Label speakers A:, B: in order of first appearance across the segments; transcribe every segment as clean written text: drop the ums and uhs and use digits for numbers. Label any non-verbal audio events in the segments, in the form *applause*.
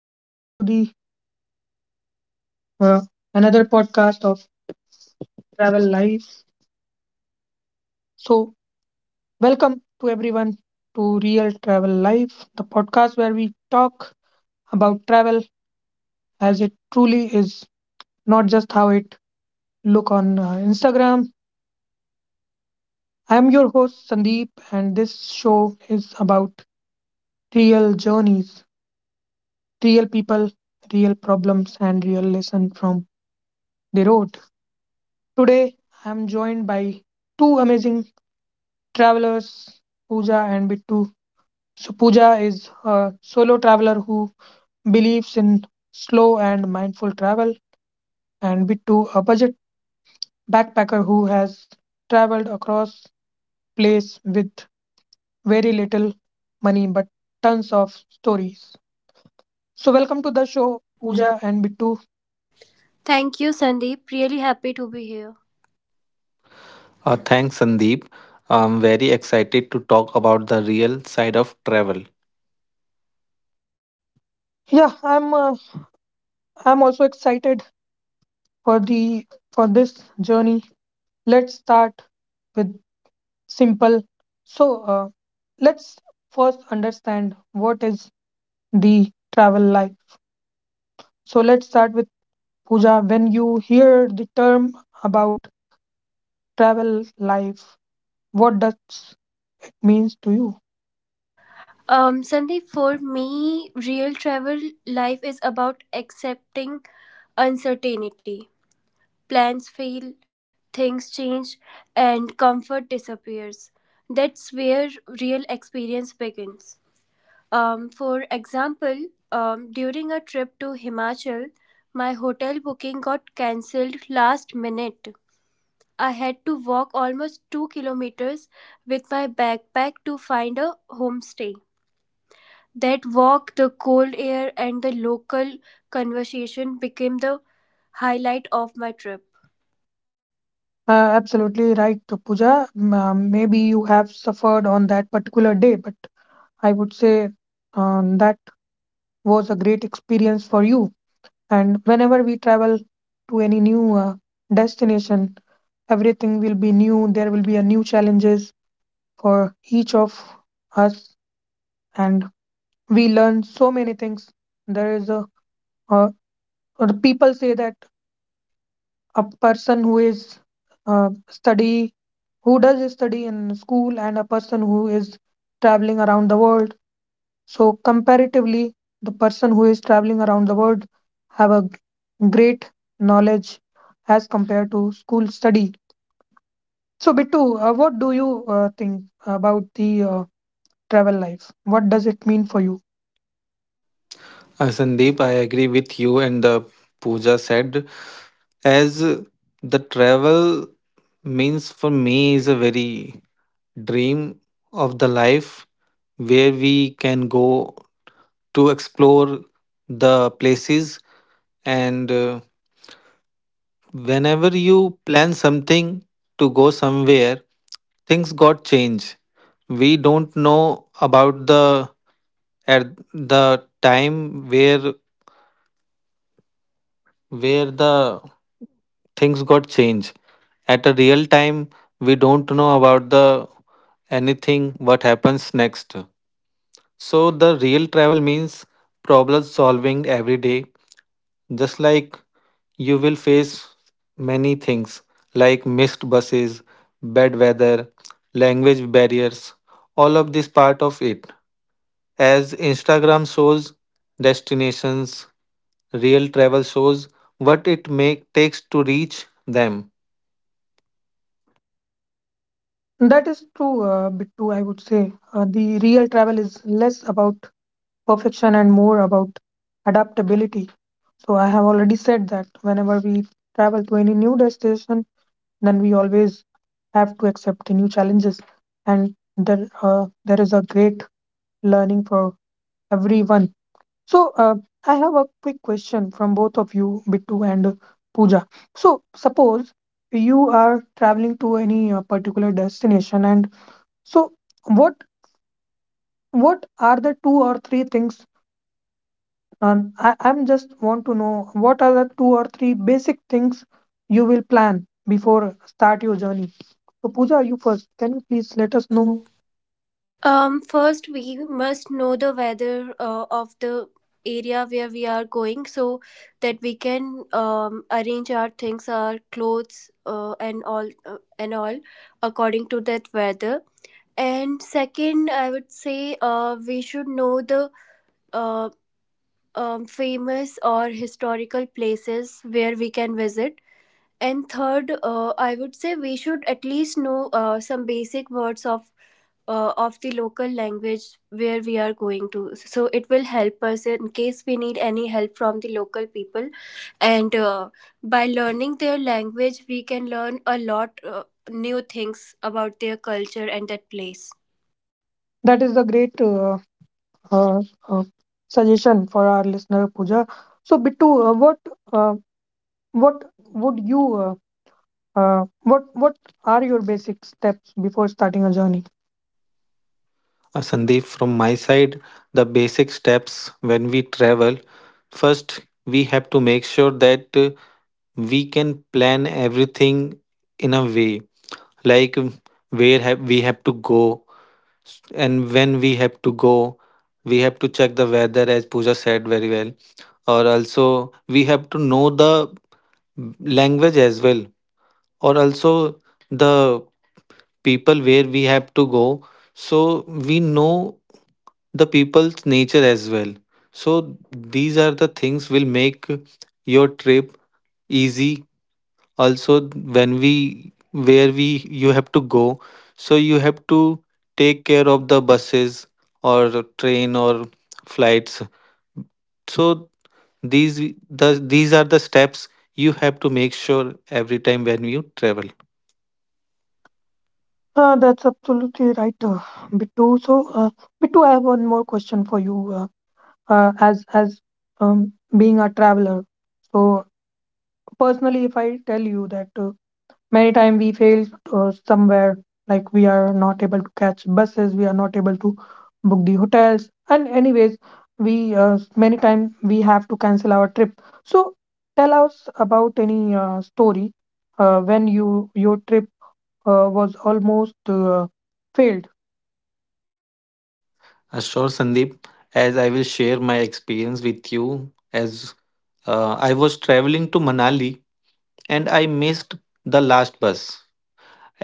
A: and welcome to the uh, another podcast of Travel Life. So, welcome to everyone to Real Travel Life, the podcast where we talk about travel as it truly is, not just how it look on Instagram. I am your host Sandeep, and this show is about real journeys, real people, real problems, and real lesson from the road. Today, I am joined by two amazing travelers Pooja and Bittu. So, Pooja is a solo traveler who believes in slow and mindful travel, and Bittu, a budget backpacker who has traveled across place with very little money but tons of stories. So, welcome to the show,
B: Pooja.
A: Pooja and Bittu.
B: Thank you, Sandeep. Really happy to be here.
C: Thanks, Sandeep. I'm very excited to talk about the real side of travel.
A: Yeah, I'm also excited for the for this journey. Let's start with simple. So, let's first understand what is the travel life. So, let's start with Pooja. When you hear the term about travel life, what does it means to you?
B: Sandeep, for me, real travel life is about accepting uncertainty. Plans fail, things change, and comfort disappears. That's where real experience begins. For example, during a trip to Himachal, my hotel booking got cancelled last minute. I had to walk almost 2 kilometers with my backpack to find a homestay. That walk, the cold air, and the local conversation became the highlight of my trip.
A: Absolutely right, Pooja. Maybe you have suffered on that particular day, but I would say that was a great experience for you. And whenever we travel to any new destination, everything will be new, there will be a new challenges for each of us, and we learn so many things. There is a uh, or the people say that a person who is study, who does study in school, and a person who is traveling around the world, so comparatively the person who is traveling around the world have a great knowledge as compared to school study. So Bittu, what do you think about the travel life, what does it mean for you?
C: Sandeep, I agree with you and the Pooja said, as the travel means for me is a very dream of the life where we can go to explore the places, and whenever you plan something to go somewhere, things got changed. We don't know about at the time where the things got changed. At a real time, we don't know about the anything what happens next. So the real travel means problem solving every day. Just like you will face many things like missed buses, bad weather, language barriers, all of this part of it. As Instagram shows destinations, real travel shows what takes to reach them.
A: That is true bit too, I would say the real travel is less about perfection and more about adaptability. So I have already said that whenever we travel to any new destination, then we always have to accept the new challenges, and there uh, there is a great learning for everyone. So, I have a quick question from both of you, Bittu and Pooja. So, suppose you are traveling to any particular destination, and so what what are the two or three things? I'm just want to know what are the two or three basic things you will plan before start your journey. So, Pooja, you first. Can you please let
B: Let
A: us
B: us
A: know?
B: know. First, we must know the weather of the area where we are going, so that we can arrange our things, our clothes, and all according to that weather. And second, I would say we should know the uh, famous or historical places where we can visit. And third, I would say we should at least know some basic words of the local language where we are going to. So it will help us in case we need any help from the local people. And by learning their language, we can learn a lot new things about their culture and that place.
A: That is the great uh, uh, suggestion for our listener, Pooja. So, Bittu, uh, What would you, what are your basic steps before starting a journey?
C: Sandeep, from my side, the basic steps when we travel: first, we have to make sure that we can plan everything in a way, like where have we have to go and when we have to go. We have to check the weather, as Pooja said, very well. Or also, we have to know the language as well. Or also, the people where we have to go, so we know the people's nature as well. So these are the things will make your trip easy. Also, when we where we you have to go, so you have to take care of the buses or train or flights. So these the these are the steps you have to make sure every time when you travel.
A: That's absolutely right, Bittu. So, Bittu, I have one more question for you. As being a traveler, so personally, if I tell you that many times we fail somewhere, like we are not able to catch buses, we are not able to book the hotels, and anyways we many times we have to cancel our trip. So tell us about any story when you your trip was almost failed.
C: Sure, Sandeep, as I will share my experience with you. As I was traveling to Manali and I missed the last bus.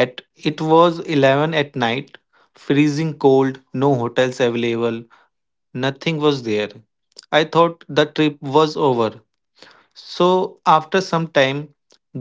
C: At it was 11 at night, freezing cold, no hotels available, nothing was there. I thought the trip was over. So after some time,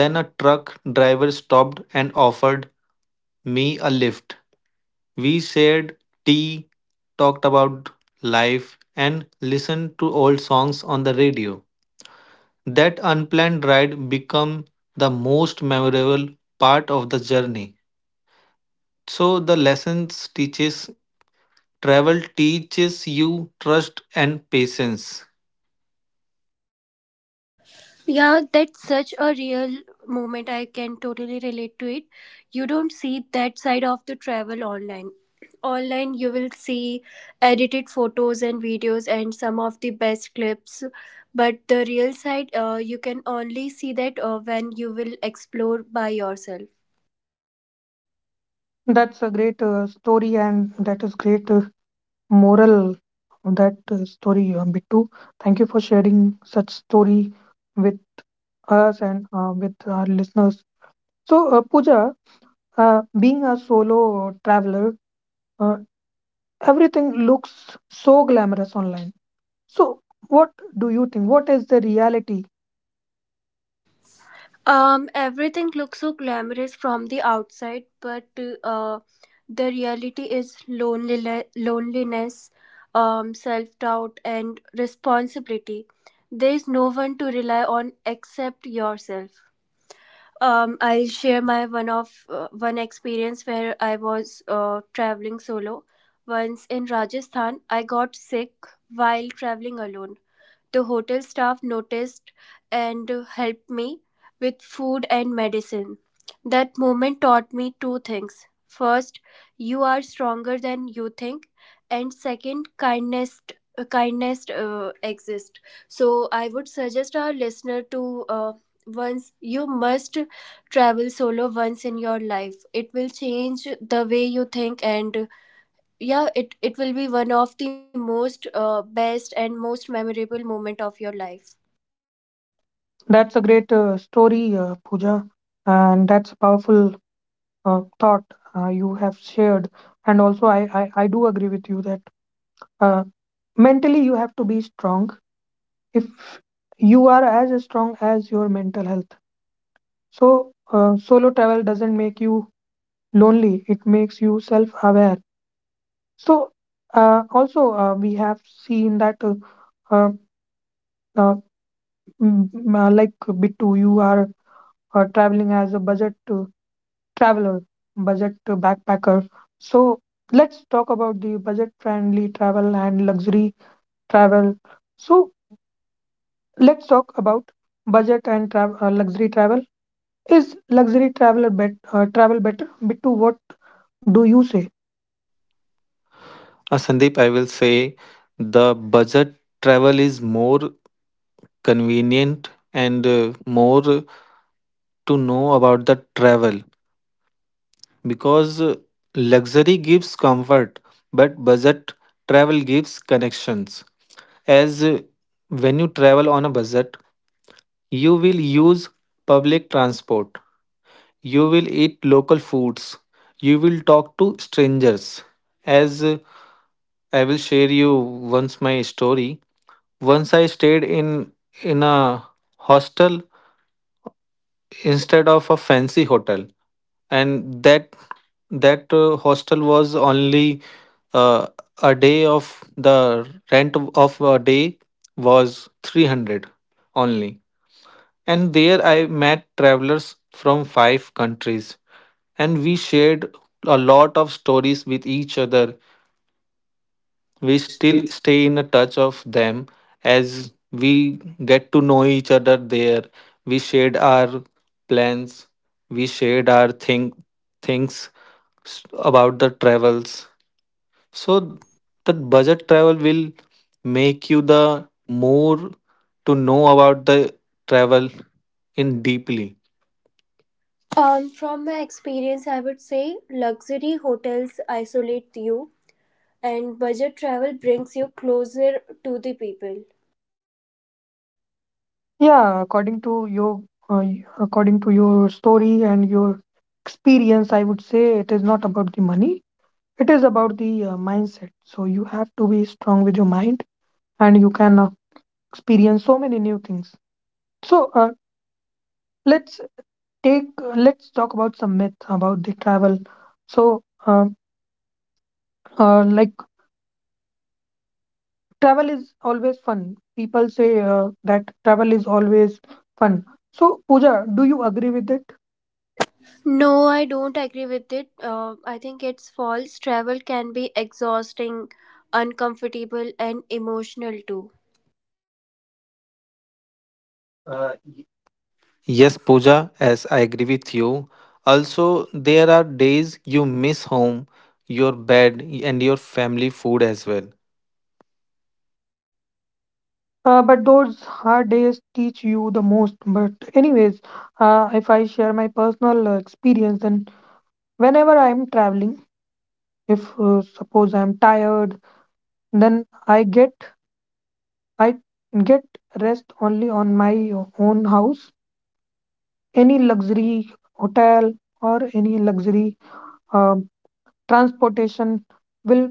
C: then a truck driver stopped and offered me a lift. We shared tea, talked about life, and listened to old songs on the radio. That unplanned ride became the most memorable part of the journey. So the lessons teaches travel teaches you trust and patience.
B: Yeah, that's such a real moment. I can totally relate to it. You don't see that side of the travel online. Online, you will see edited photos and videos and some of the best clips. But the real side, you can only see that when you will explore by yourself.
A: That's a great story and that is great moral of that story, Bittu. Thank you for sharing such story with us and with our listeners. So, Pooja, being a solo traveler, uh, everything looks so glamorous online. So, what do you think? What is the reality?
B: Everything looks so glamorous from the outside, but uh, the reality is lonely, loneliness, self doubt, and responsibility. There is no one to rely on except yourself. I'll share my one of one experience where I was traveling solo. Once in Rajasthan, I got sick while traveling alone. The hotel staff noticed and helped me with food and medicine. That moment taught me two things. First, you are stronger than you think, and second, kindness exists. So I would suggest our listener to once you must travel solo once in your life. It will change the way you think, and yeah, it will be one of the most best and most memorable moment of your life.
A: That's a great story, Pooja, and that's a powerful thought you have shared. And also, I do agree with you that uh, mentally you have to be strong if you are as strong as your mental health. So, solo travel doesn't make you lonely, it makes you self aware. So, also, we have seen that uh, uh, like Bittu, you are traveling as a budget traveler, budget backpacker. So, let's talk about the budget-friendly travel and luxury travel. So, let's talk about budget and travel, luxury travel. Is luxury traveler bet travel better? Bittu, what do you say?
C: Sandeep, I will say the budget travel is more convenient and more to know about the travel. Because luxury gives comfort but budget travel gives connections. As when you travel on a budget, you will use public transport. You will eat local foods. You will talk to strangers. As I will share you once my story. Once I stayed in a hostel instead of a fancy hotel, and that that hostel was only uh, a day of the rent a day was 300 only. And there I met travelers from five countries and we shared a lot of stories with each other. We
B: We
C: still
B: still.
C: stay in a touch of them as we get to know each other there. We shared our plans, we shared our things s- about the travels. So
B: So
C: the budget travel will make you the more to know about the travel in deeply.
B: from my experience, I would say luxury hotels isolate you, and budget travel brings you closer to the people.
A: Yeah, according to your according to your story and your experience, I would say it is not about the money. It is about the mindset. So you have to be strong with your mind, and you can experience so many new things. So let's let's talk about some myth about the travel. So like travel is always fun. People say that travel is always fun. So Pooja, do you agree with
B: No, I don't agree with it. I think it's false. Travel can be exhausting, uncomfortable and emotional too.
A: it?
C: Yes, Pooja, as I agree with you. Also, there are days you miss home, your bed, and your family food as well.
A: But those hard days teach you the most. But, anyways, if I share my personal experience, then whenever I'm traveling, if suppose I'm tired, then I get rest only on my own house, any luxury hotel or any luxury um transportation will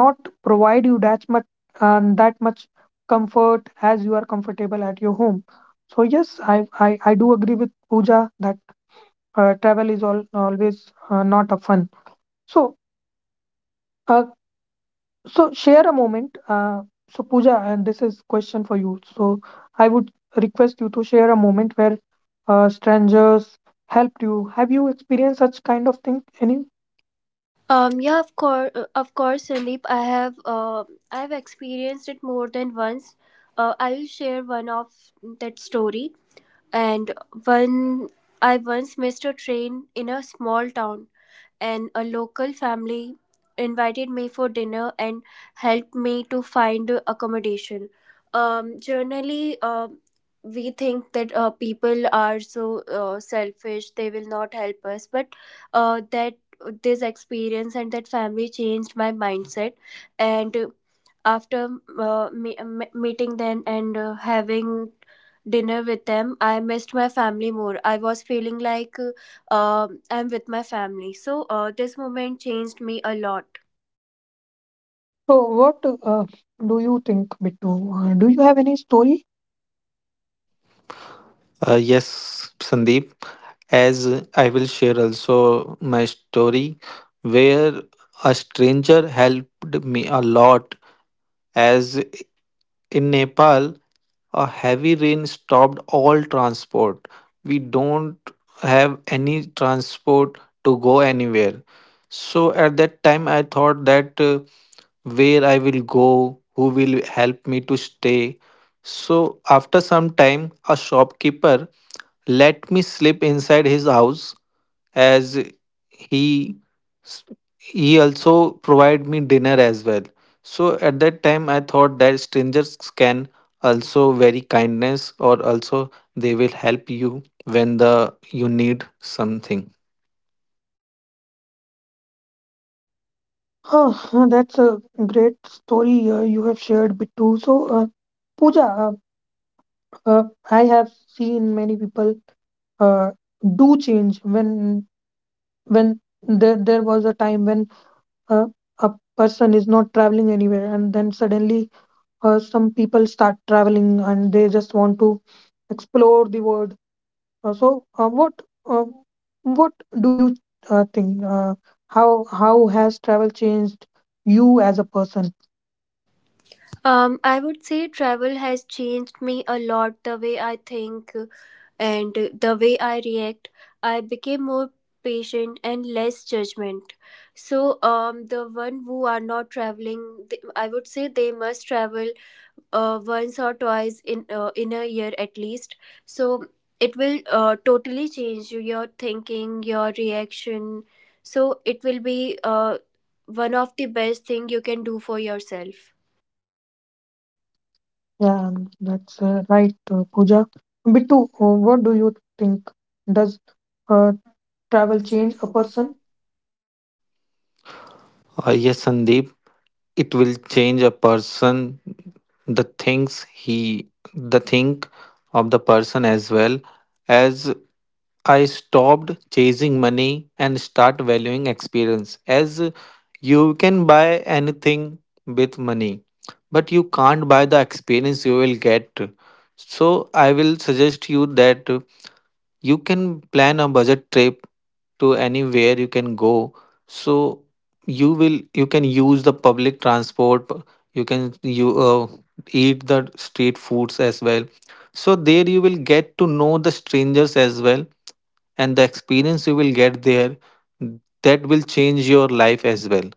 A: not provide you that much that much comfort as you are comfortable at your home. So yes, I do agree with pooja that travel is always not a fun. So uh, share a moment, so pooja, and this is question for you, so I would request you to share a moment where strangers helped you. Have you experienced such kind of thing? Any?
B: Yeah, of course, Sandeep. I have I've experienced it more than once. I will share one of that story. And one I once missed a train in a small town, and a local family invited me for dinner and helped me to find accommodation. Generally, we think that people are so selfish; they will not help us. But that this experience and that family changed my mindset, and after meeting them and having dinner with them, I missed my family more. I was feeling like I'm with my family. So this moment changed me a lot.
A: So, what do you think, Bittu? Do you have any story?
C: Yes, Sandeep, as I will share also my story where a stranger helped me a lot. As in Nepal, a heavy rain stopped all transport. We don't have any transport to go anywhere. So at that time, I thought that where I will go, who will help me to stay. So after some time, a shopkeeper let me sleep inside his house. As he he also provide me dinner as well. So at that time I thought that strangers can also very kindness, or also they will help you when the you need something.
A: Huh, huh, that's a great story you have shared, Bittu. So, Pooja, uh, I have seen many people uh, do change when when there was a time when uh, a person is not traveling anywhere, and then suddenly some people start traveling, and they just want to explore the world. Uh, so, uh, what uh, what do you think? How how has travel changed you as a person?
B: I would say travel has changed me a lot, the way I think and the way I react. I became more patient and less judgment. So the one who are not traveling, I would say they must travel once or twice in a year at least. So it will totally change you, your thinking, your reaction. So it will be one of the best thing you can do for yourself.
A: Yeah, that's right, Pooja. Bittu, what do you think? Does uh, travel change a person?
C: Yes, Sandeep, it will change a person, the things he the think of the person as well. As I stopped chasing money and start valuing experience. As you can buy anything with money, but you can't buy the experience you will get. So I will suggest you that you can plan a budget trip to anywhere you can go. So you can use the public transport. P- you can you eat the street foods as well. So there you will get to know the strangers as well. And the experience you will get there, that will change your life as well.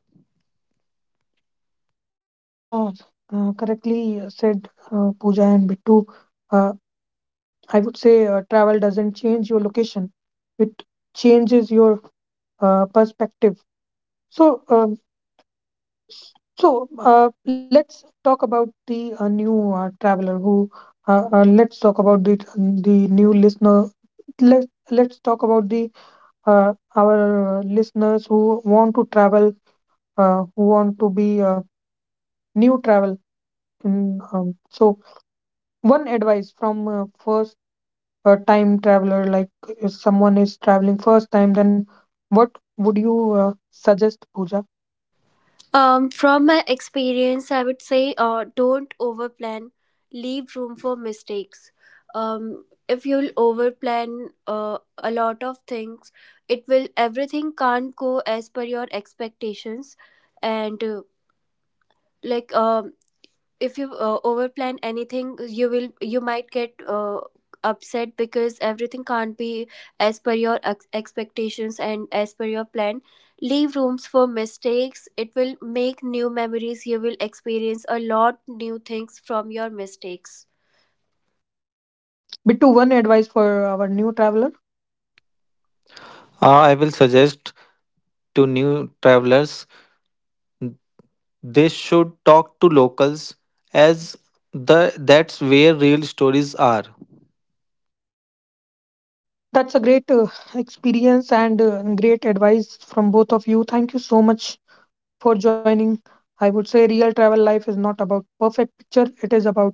A: *laughs* Yeah, correctly said, Pooja and Bittu. Uh, I would say travel doesn't change your location; it changes your perspective. So, let's talk about the new traveler who. Let's talk about the new listener. Let Let's talk about the our listeners who want to travel, who want to be new travel. So one advice from first time traveler, like if someone is traveling first time, then what would you suggest, Pooja?
B: From my experience, I would say don't overplan, leave room for mistakes. If you'll overplan a lot of things, it will, everything can't go as per your expectations. And like um if you overplan anything, you will, you might get upset, because everything can't be as per your expectations and as per your plan. Leave rooms for mistakes. It will make new memories. You will experience a lot new things from your mistakes.
A: Bittu, one advice for our new traveler.
C: I will suggest to new travelers they should talk to locals, as the that's where real stories are.
A: That's a great experience and great advice from both of you. Thank you so much for joining. I would say real travel life is not about perfect picture. It is about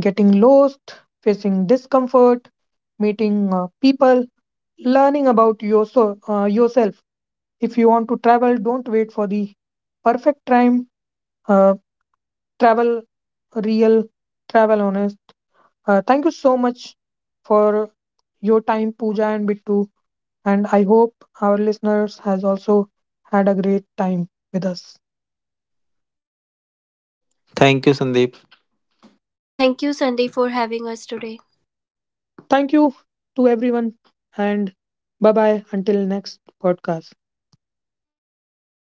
A: getting lost, facing discomfort, meeting people, learning about yourself. If you want to travel, don't wait for the perfect time. Uh, Travel real, travel honest. Thank you so much for your time, Pooja and Bittu, and I hope our listeners has also had a great time with us.
C: Thank you Sandeep
B: Thank you, Sandeep, for having us today.
A: Thank you to everyone, and bye bye until next podcast.